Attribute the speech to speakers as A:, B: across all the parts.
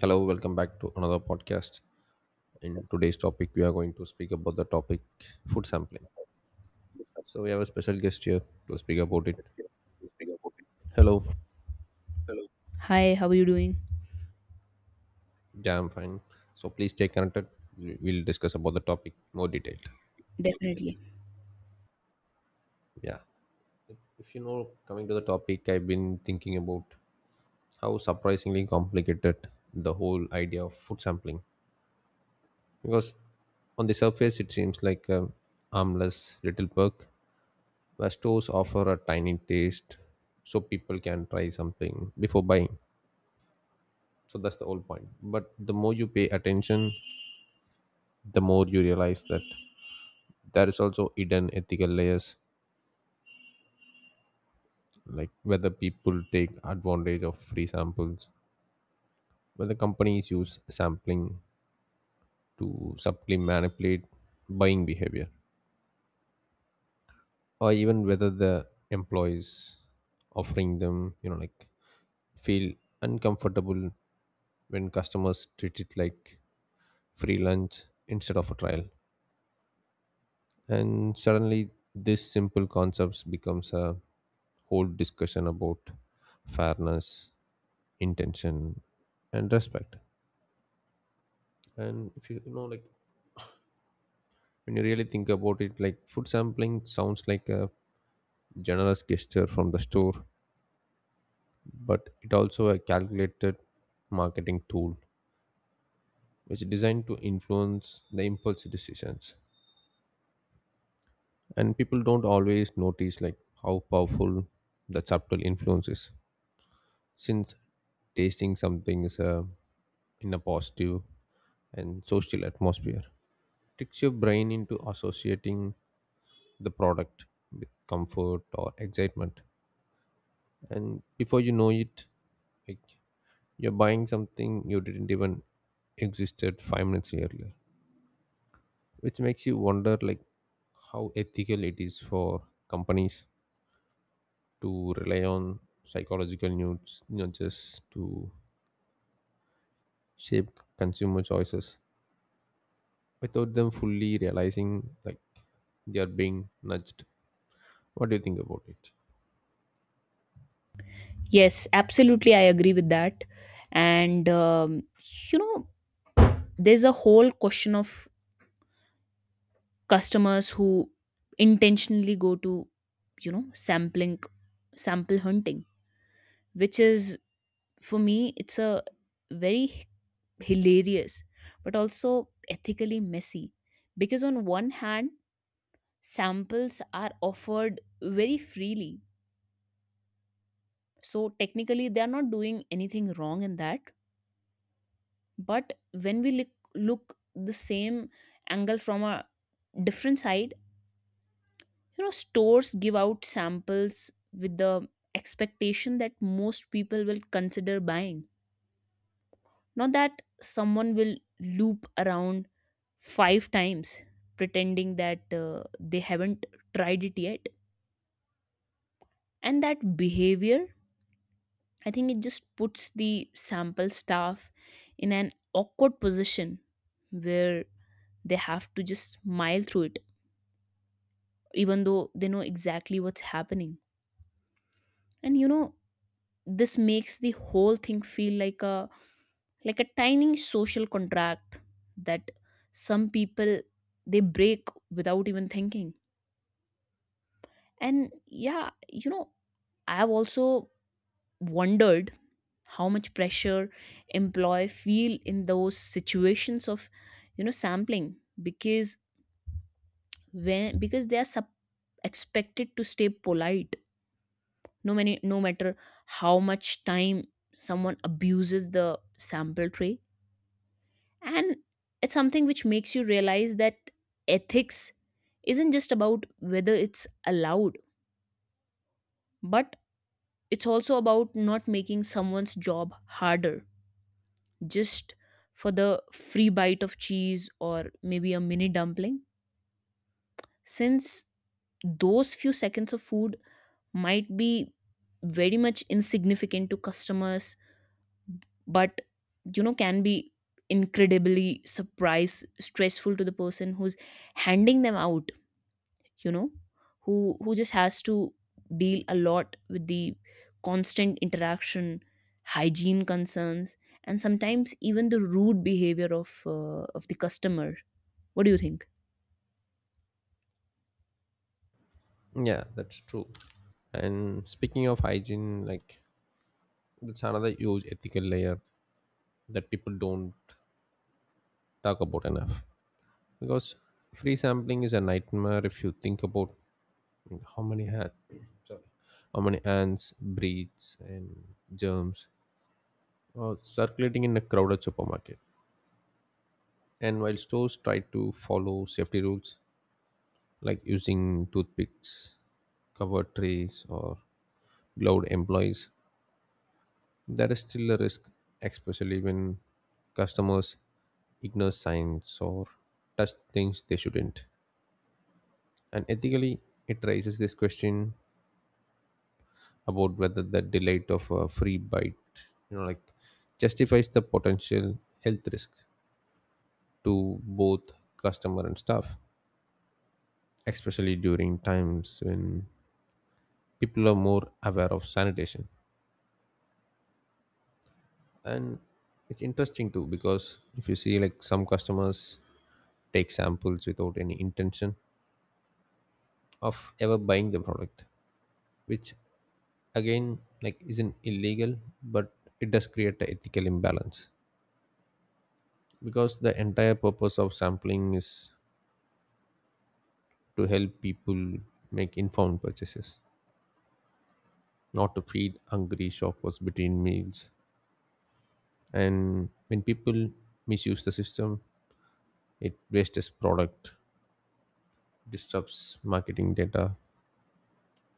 A: Hello, welcome back to another podcast. In today's topic, we are going to speak about the topic food sampling. So we have a special guest here to speak about it. Hello,
B: Hi, how are you doing?
A: yeah, I'm fine. So please stay connected. We'll discuss about the topic more detailed.
B: Definitely.
A: Yeah, if you know, coming to the topic, I've been thinking about how surprisingly complicated the whole idea of food sampling because on the surface it seems like a harmless little perk where stores offer a tiny taste so people can try something before buying. So that's the whole point. But the more you pay attention, the more you realize that there is also hidden ethical layers, like whether people take advantage of free samples, whether companies use sampling to subtly manipulate buying behavior, or even whether the employees offering them, like feel uncomfortable when customers treat it like free lunch instead of a trial, and suddenly this simple concepts becomes a whole discussion about fairness, intention, and respect. And if you, you know like, when you really think about it, like, food sampling sounds like a generous gesture from the store, but it also a calculated marketing tool which is designed to influence the impulse decisions. And people don't always notice, like, how powerful the subtle influence is, since tasting something is in a positive and social atmosphere, tricks your brain into associating the product with comfort or excitement. And before you know it, like, you're buying something you didn't even existed 5 minutes earlier, which makes you wonder, like, how ethical it is for companies to rely on psychological nudges to shape consumer choices without them fully realizing, like, they are being nudged. What do you think about it?
B: Yes, absolutely. I agree with that. And, um, you know, there's a whole question of customers who intentionally go to, sampling, sample hunting, which is, for me, it's a very hilarious, but also ethically messy. Because on one hand, samples are offered very freely. So technically, they are not doing anything wrong in that, but when we look the same angle from a different side. You know, stores give out samples with the expectation that most people will consider buying, not that someone will loop around five times pretending that they haven't tried it yet. And that behavior, I think it just puts the sample staff in an awkward position where they have to just smile through it even though they know exactly what's happening. And you know, this makes the whole thing feel like a tiny social contract that some people they break without even thinking. And yeah, you know, I've also wondered how much pressure employee feel in those situations of, you know, sampling. Because when because they are expected to stay polite, no matter how much time someone abuses the sample tray. And it's something which makes you realize that ethics isn't just about whether it's allowed, but it's also about not making someone's job harder just for the free bite of cheese or maybe a mini dumpling, since those few seconds of food might be very much insignificant to customers, but you know, can be incredibly surprise stressful to the person who's handing them out, you know, who just has to deal a lot with the constant interaction, hygiene concerns, and sometimes even the rude behavior of the customer. What do you think?
A: Yeah, that's true. And speaking of hygiene, like, that's another huge ethical layer that people don't talk about enough. Because free sampling is a nightmare if you think about, like, sorry, how many ants, breeds, and germs are circulating in a crowded supermarket. And while stores try to follow safety rules, like using toothpicks, covered trays, or gloved employees, there is still a risk, especially when customers ignore signs or touch things they shouldn't. And ethically, it raises this question about whether the delight of a free bite, like, justifies the potential health risk to both customer and staff, especially during times when people are more aware of sanitation. And it's interesting too, because if you see, like, some customers take samples without any intention of ever buying the product, which again, like, isn't illegal, but it does create an ethical imbalance, because the entire purpose of sampling is to help people make informed purchases, not to feed hungry shoppers between meals. And when people misuse the system, it wastes product, disrupts marketing data,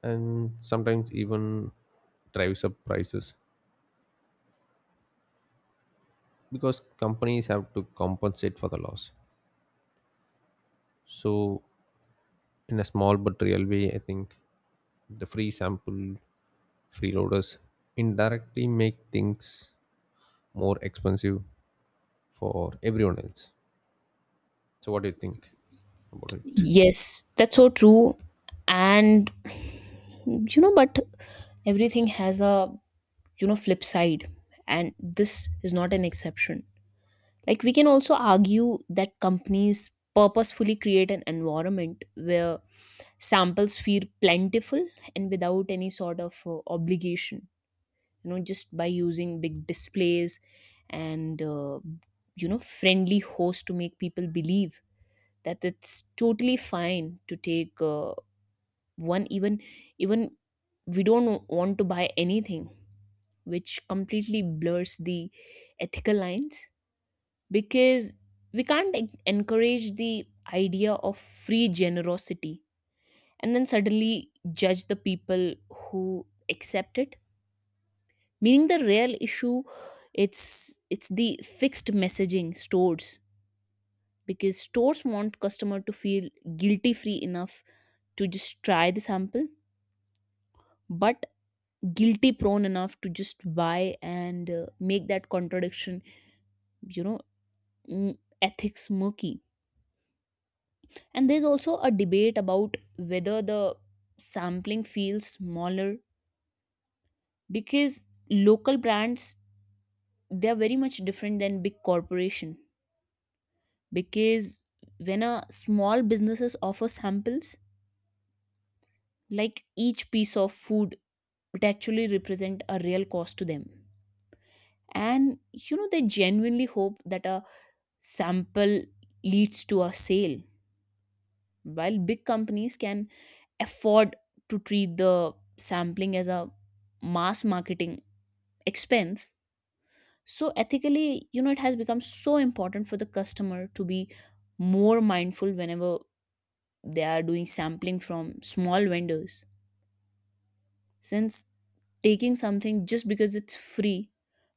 A: and sometimes even drives up prices because companies have to compensate for the loss. So, in a small but real way, I think the free sample freeloaders indirectly make things more expensive for everyone else. So, what do you think about it?
B: Yes, that's so true. And you know, but everything has a, you know, flip side, and this is not an exception. Like we can also argue that companies purposefully create an environment where samples feel plentiful and without any sort of obligation, you know, just by using big displays and you know, friendly hosts to make people believe that it's totally fine to take one, even we don't want to buy anything, which completely blurs the ethical lines. Because we can't encourage the idea of free generosity and then suddenly judge the people who accept it, meaning the real issue, it's it's the fixed messaging stores. Because stores want customer to feel guilty free enough to just try the sample, but guilty prone enough to just buy, and make that contradiction, you know, ethics murky. And there's also a debate about whether the sampling feels smaller because local brands, they are very much different than big corporation. Because when a small businesses offer samples, like each piece of food, it actually represent a real cost to them, and you know, they genuinely hope that a sample leads to a sale. While big companies can afford to treat the sampling as a mass marketing expense. So ethically, you know, it has become so important for the customer to be more mindful whenever they are doing sampling from small vendors, since taking something just because it's free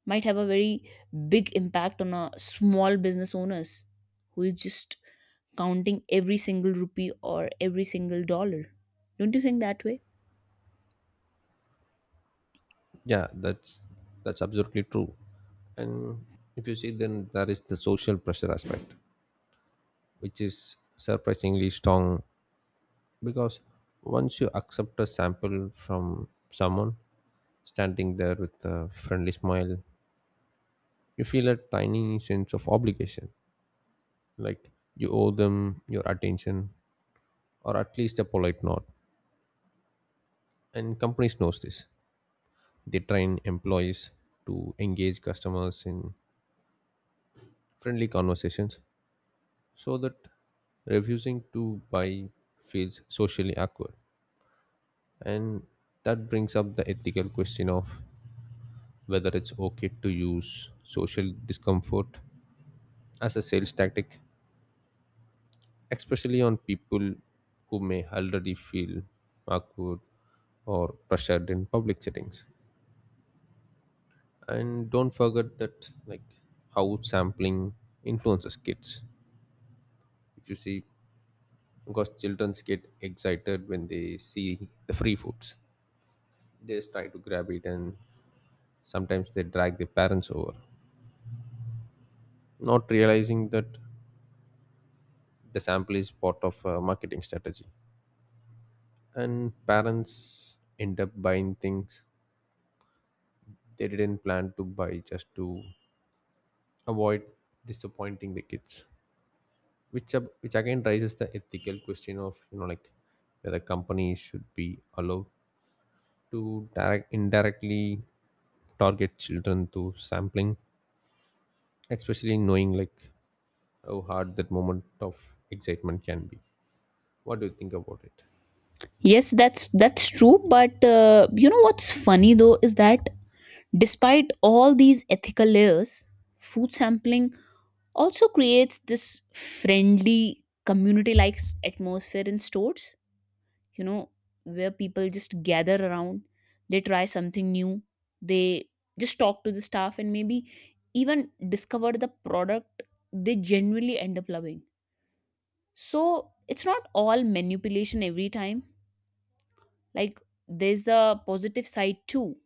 B: might have a very big impact on a small business owners who is just counting every single rupee or every single dollar. Don't you think that way?
A: Yeah, that's absolutely true. And if you see, then there is the social pressure aspect, which is surprisingly strong, because once you accept a sample from someone standing there with a friendly smile, you feel a tiny sense of obligation, like you owe them your attention or at least a polite nod. And companies knows this, they train employees to engage customers in friendly conversations so that refusing to buy feels socially awkward. And that brings up the ethical question of whether it's okay to use social discomfort as a sales tactic, especially on people who may already feel awkward or pressured in public settings. And don't forget that, like, how sampling influences kids. If you see, because children get excited when they see the free foods, they just try to grab it, and sometimes they drag their parents over, not realizing that the sample is part of a marketing strategy. And parents end up buying things they didn't plan to buy just to avoid disappointing the kids, which again raises the ethical question of, like, whether companies should be allowed to direct indirectly target children through sampling, especially knowing, like, how hard that moment of excitement can be. What do you think about it?
B: Yes, that's true. But you know, what's funny though is that despite all these ethical layers, food sampling also creates this friendly community-like atmosphere in stores. You know, where people just gather around, they try something new, they just talk to the staff and maybe even discover the product they genuinely end up loving. So it's not all manipulation every time. Like there's the positive side too,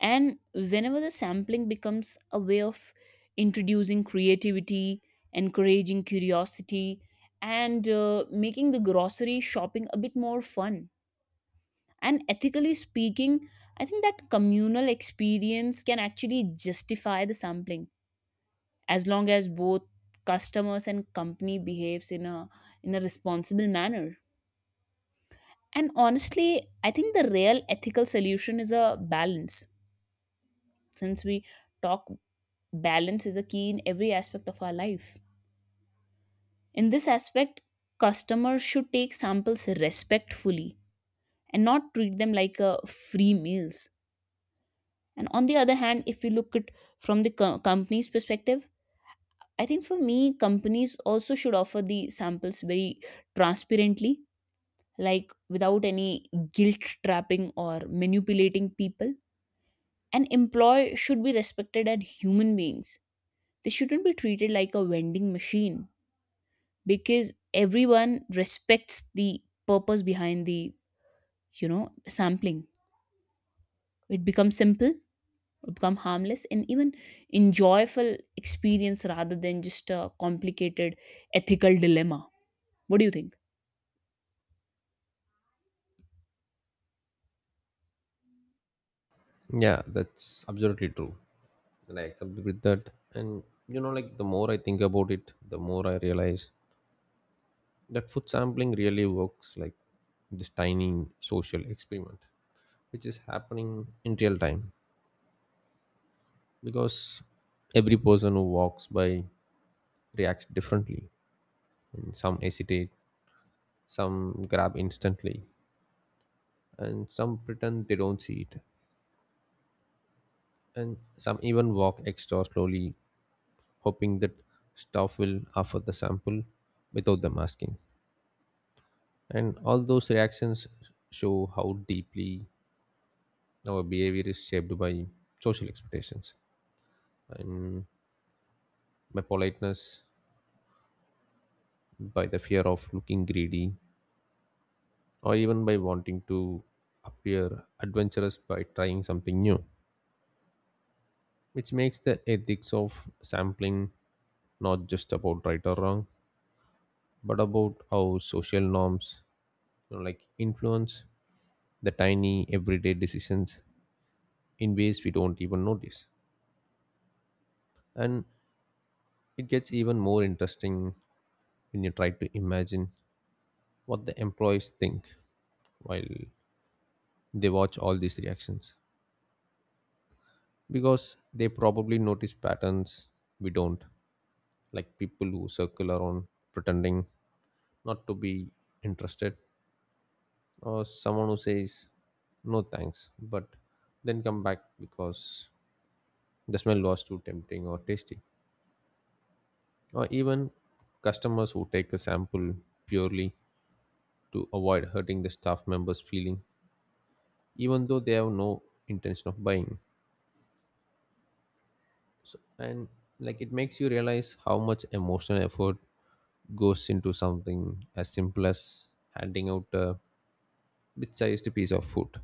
B: and whenever the sampling becomes a way of introducing creativity, encouraging curiosity, and making the grocery shopping a bit more fun. And ethically speaking, I think that communal experience can actually justify the sampling as long as both customers and company behaves in a responsible manner. And honestly, I think the real ethical solution is a balance, since we talk balance is a key in every aspect of our life. In this aspect, customers should take samples respectfully and not treat them like free meals. And on the other hand, if we look at from the company's perspective, I think for me, companies also should offer the samples very transparently, like without any guilt trapping or manipulating people. An employee should be respected as human beings. They shouldn't be treated like a vending machine, because everyone respects the purpose behind the, you know, sampling. It becomes simple, it become harmless and even enjoyable experience rather than just a complicated ethical dilemma. What do you think?
A: Yeah, that's absolutely true, and I accepted with that. And, like, the more I think about it, the more I realize that food sampling really works like this tiny social experiment, which is happening in real time, because every person who walks by reacts differently. And some hesitate, some grab instantly, and some pretend they don't see it. And some even walk extra slowly, hoping that staff will offer the sample without them asking. And all those reactions show how deeply our behavior is shaped by social expectations and by politeness, by the fear of looking greedy, or even by wanting to appear adventurous by trying something new, which makes the ethics of sampling not just about right or wrong, but about how social norms, like, influence the tiny everyday decisions in ways we don't even notice. And it gets even more interesting when you try to imagine what the employees think while they watch all these reactions. Because they probably notice patterns we don't, like people who circle around pretending not to be interested, or someone who says no thanks, but then come back because the smell was too tempting or tasty, or even customers who take a sample purely to avoid hurting the staff member's feeling even though they have no intention of buying. And, like, it makes you realize how much emotional effort goes into something as simple as handing out a bit sized piece of food,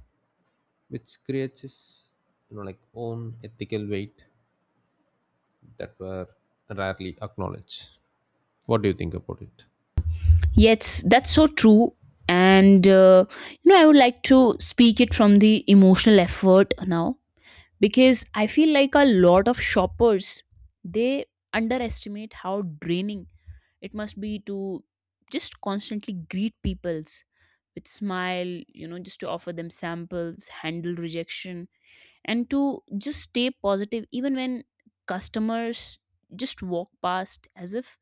A: which creates its, like, own ethical weight that were rarely acknowledged. What do you think about it?
B: Yes, that's so true. And you know, I would like to speak it from the emotional effort now, because I feel like a lot of shoppers, they underestimate how draining it must be to just constantly greet peoples with smile, you know, just to offer them samples, handle rejection, and to just stay positive even when customers just walk past as if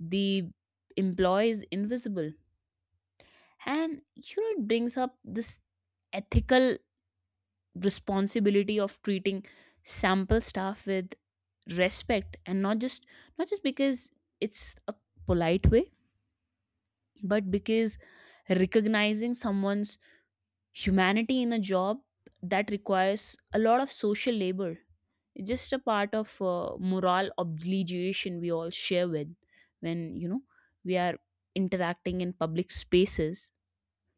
B: the employee is invisible. And you know, it brings up this ethical responsibility of treating sample staff with respect, and not just because it's a polite way, but because recognizing someone's humanity in a job that requires a lot of social labor, it's just a part of moral obligation we all share with, when you know, we are interacting in public spaces,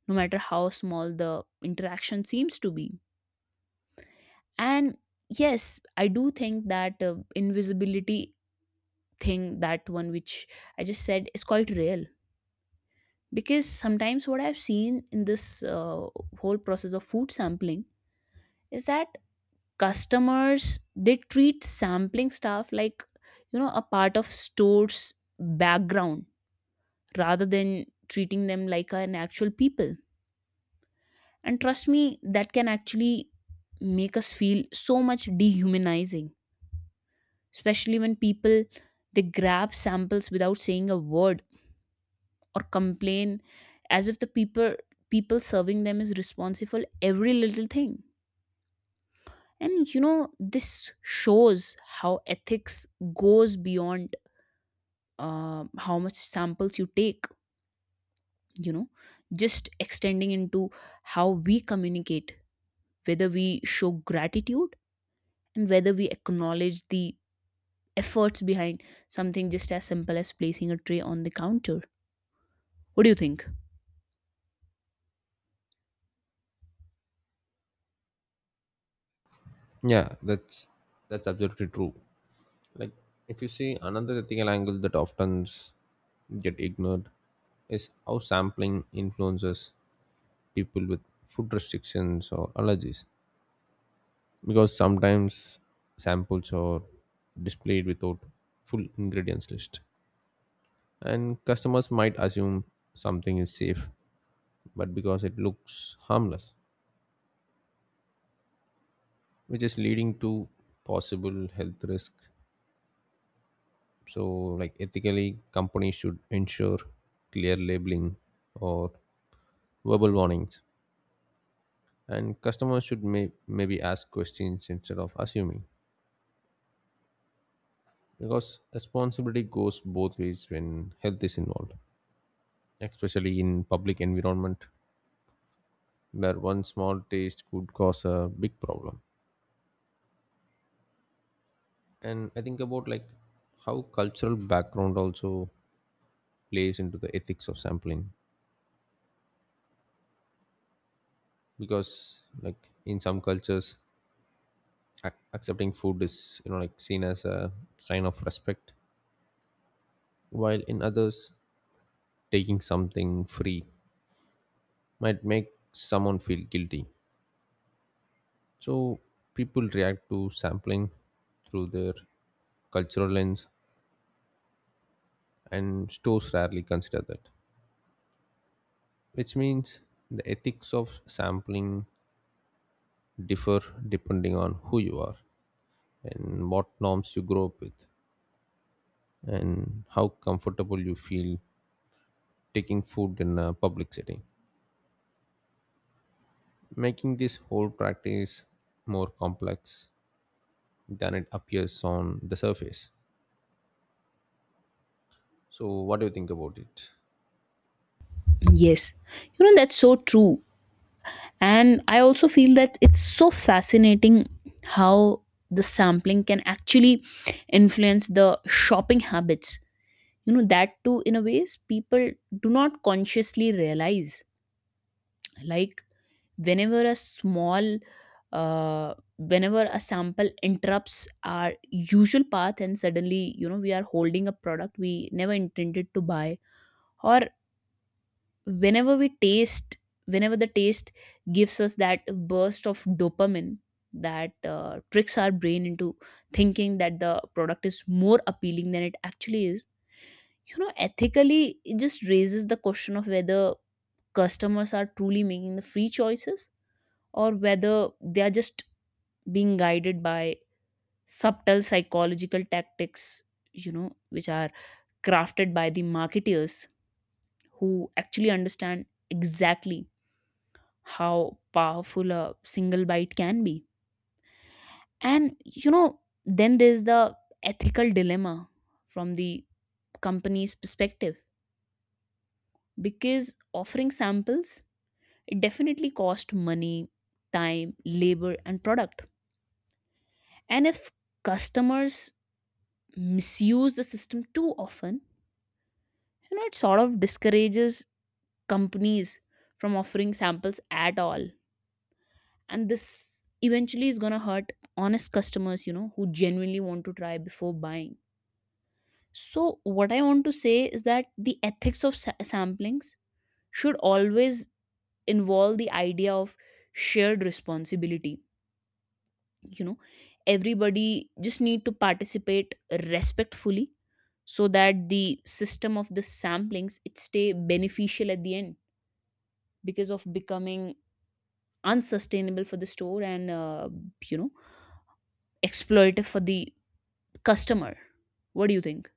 B: no matter how small the interaction seems to be. And yes, I do think that invisibility thing, that one which I just said is quite real. Because sometimes what I've seen in this whole process of food sampling is that customers they treat sampling stuff like, you know, a part of store's background rather than treating them like an actual people. And trust me, that can actually make us feel so much dehumanizing, especially when people they grab samples without saying a word or complain as if the people serving them is responsible every little thing. And you know, this shows how ethics goes beyond how much samples you take, you know, just extending into how we communicate, whether we show gratitude, and whether we acknowledge the efforts behind something just as simple as placing a tray on the counter. What do you think?
A: Yeah, that's absolutely true. Like, if you see, another ethical angle that often get ignored is how sampling influences people with food restrictions or allergies, because sometimes samples are displayed without full ingredients list, and customers might assume something is safe but because it looks harmless, which is leading to possible health risk. So, like, ethically, companies should ensure clear labeling or verbal warnings, and customers should maybe ask questions instead of assuming, because responsibility goes both ways when health is involved, especially in public environment where one small taste could cause a big problem. And I think about, like, how cultural background also plays into the ethics of sampling, because, like, in some cultures, accepting food is, like, seen as a sign of respect, while in others, taking something free might make someone feel guilty. So people react to sampling through their cultural lens, and stores rarely consider that, which means the ethics of sampling differ depending on who you are and what norms you grow up with and how comfortable you feel taking food in a public setting, making this whole practice more complex than it appears on the surface. So, what do you think about it?
B: Yes, you know, that's so true. And I also feel that it's so fascinating how the sampling can actually influence the shopping habits. You know, that too, in a ways, people do not consciously realize. Like, whenever a small, whenever a sample interrupts our usual path, and suddenly, you know, we are holding a product we never intended to buy, or whenever we taste whenever the taste gives us that burst of dopamine that tricks our brain into thinking that the product is more appealing than it actually is, you know, ethically it just raises the question of whether customers are truly making the free choices, or whether they are just being guided by subtle psychological tactics, you know, which are crafted by the marketeers who actually understand exactly how powerful a single bite can be. And you know, then there's the ethical dilemma from the company's perspective, because offering samples, it definitely cost money, time, labor and product. And if customers misuse the system too often, you know, it sort of discourages companies from offering samples at all, and this eventually is going to hurt honest customers, you know, who genuinely want to try before buying. So what I want to say is that the ethics of samplings should always involve the idea of shared responsibility. You know, everybody just need to participate respectfully so that the system of the samplings it stay beneficial at the end, because of becoming unsustainable for the store and you know, exploitative for the customer. What do you think?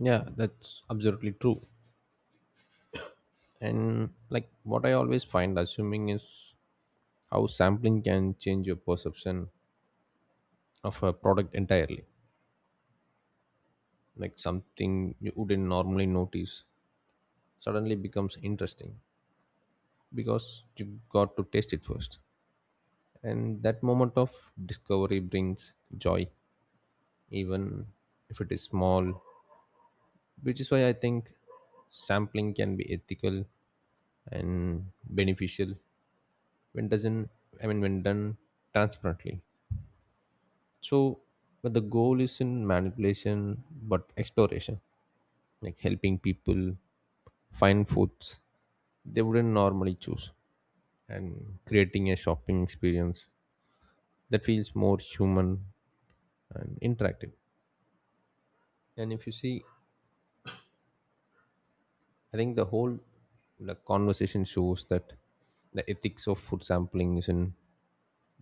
A: Yeah, that's absolutely true. And, like, what I always find assuming is how sampling can change your perception of a product entirely. Like, something you wouldn't normally notice suddenly becomes interesting because you got to taste it first. And that moment of discovery brings joy, even if it is small, which is why I think sampling can be ethical and beneficial when doesn't I mean, when done transparently. So, but the goal isn't manipulation but exploration, like helping people find foods they wouldn't normally choose and creating a shopping experience that feels more human and interactive. And if you see, I think the whole, like, conversation shows that the ethics of food sampling isn't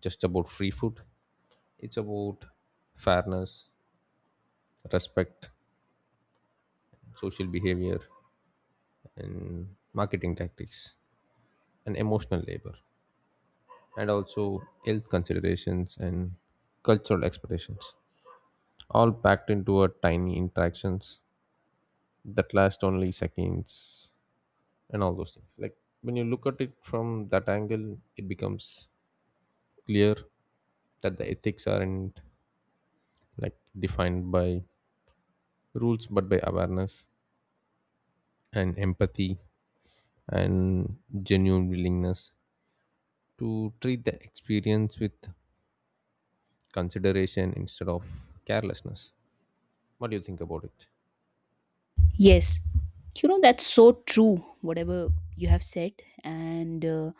A: just about free food, it's about fairness, respect, social behavior, and marketing tactics, and emotional labor, and also health considerations and cultural expectations, all packed into a tiny interactions that last only seconds. And all those things, like, when you look at it from that angle, it becomes clear that the ethics aren't, like, defined by rules but by awareness and empathy and genuine willingness to treat the experience with consideration instead of carelessness. What do you think about it?
B: Yes, you know, that's so true. Whatever you have said. And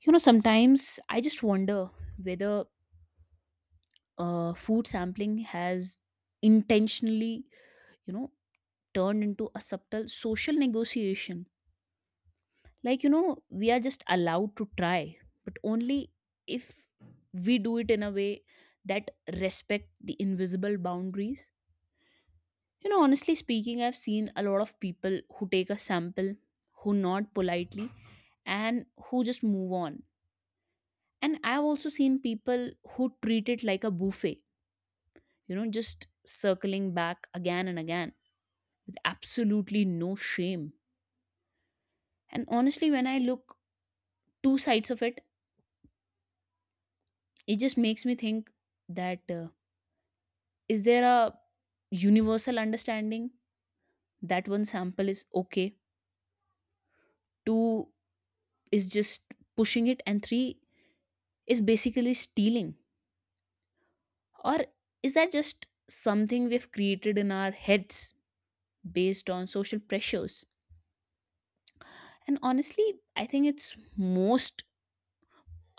B: you know, sometimes I just wonder whether food sampling has intentionally, you know, turned into a subtle social negotiation. Like you know, we are just allowed to try, but only if we do it in a way that respect the invisible boundaries. You know, honestly speaking, I've seen a lot of people who take a sample, who nod politely, and who just move on. And I've also seen people who treat it like a buffet, you know, just circling back again and again with absolutely no shame. And honestly, when I look two sides of it, it just makes me think that is there a universal understanding that one sample is okay, two is just pushing it, and three is basically stealing? Or is that just something we've created in our heads based on social pressures? And honestly, I think it's most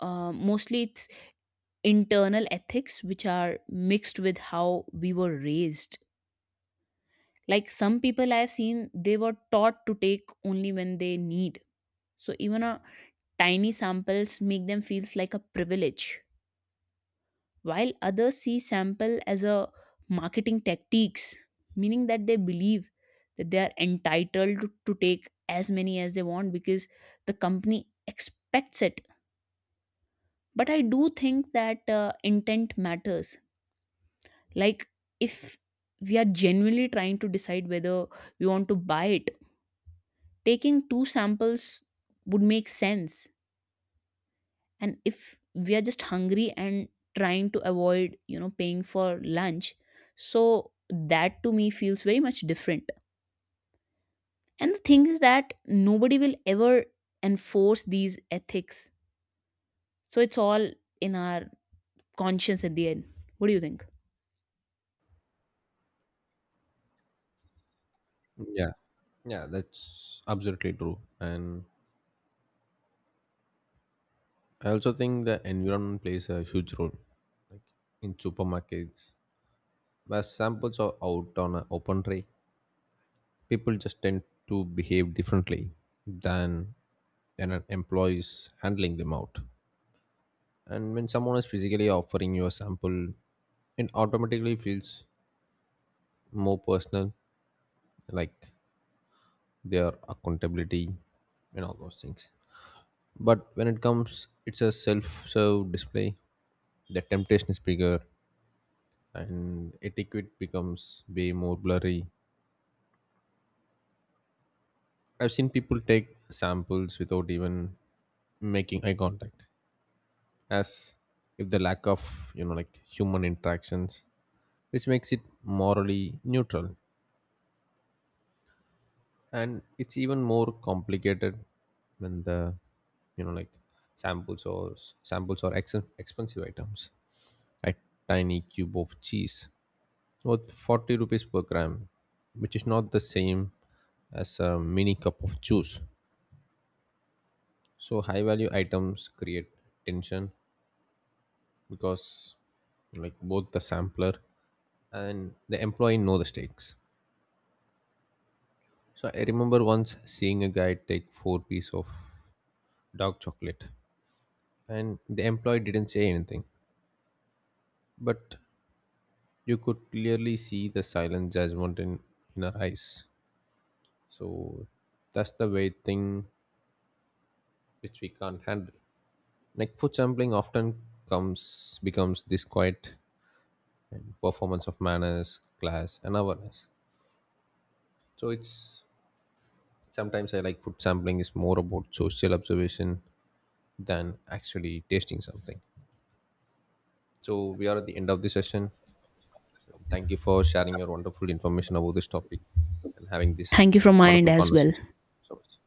B: uh, mostly it's internal ethics which are mixed with how we were raised. Like some people I've seen, they were taught to take only when they need. So even a tiny samples make them feels like a privilege, while others see sample as a marketing tactics, meaning that they believe that they are entitled to take as many as they want because the company expects it. But I do think that intent matters. Like if we are genuinely trying to decide whether we want to buy it, taking two samples would make sense. And if we are just hungry and trying to avoid, you know, paying for lunch, so that to me feels very much different. And the thing is that nobody will ever enforce these ethics, so it's all in our conscience at the end. What do you think?
A: Yeah, yeah, that's absolutely true. And I also think the environment plays a huge role. Like, in supermarkets, where samples are out on an open tray, people just tend to behave differently than an employees handling them out. And when someone is physically offering you a sample, it automatically feels more personal, like their accountability and all those things. But when it comes, it's a self-serve display. The temptation is bigger, and etiquette becomes way more blurry. I've seen people take samples without even making eye contact, as if the lack of, like, human interactions, which makes it morally neutral. And it's even more complicated when the, like, samples or samples or expensive items, like tiny cube of cheese worth 40 rupees per gram, which is not the same as a mini cup of juice. So high value items create tension because, like, both the sampler and the employee know the stakes. So I remember once seeing a guy take four piece of dark chocolate, and the employee didn't say anything. But you could clearly see the silent judgment in her eyes. So that's the way thing which we can't handle. Like, food sampling often comes becomes this quiet and performance of manners class and awareness. So it's sometimes, I, like, food sampling is more about social observation than actually tasting something. So, we are at the end of the session. Thank you for sharing your wonderful information about this topic and having this
B: Thank you from my end
A: wonderful
B: as well.
A: conversation so much.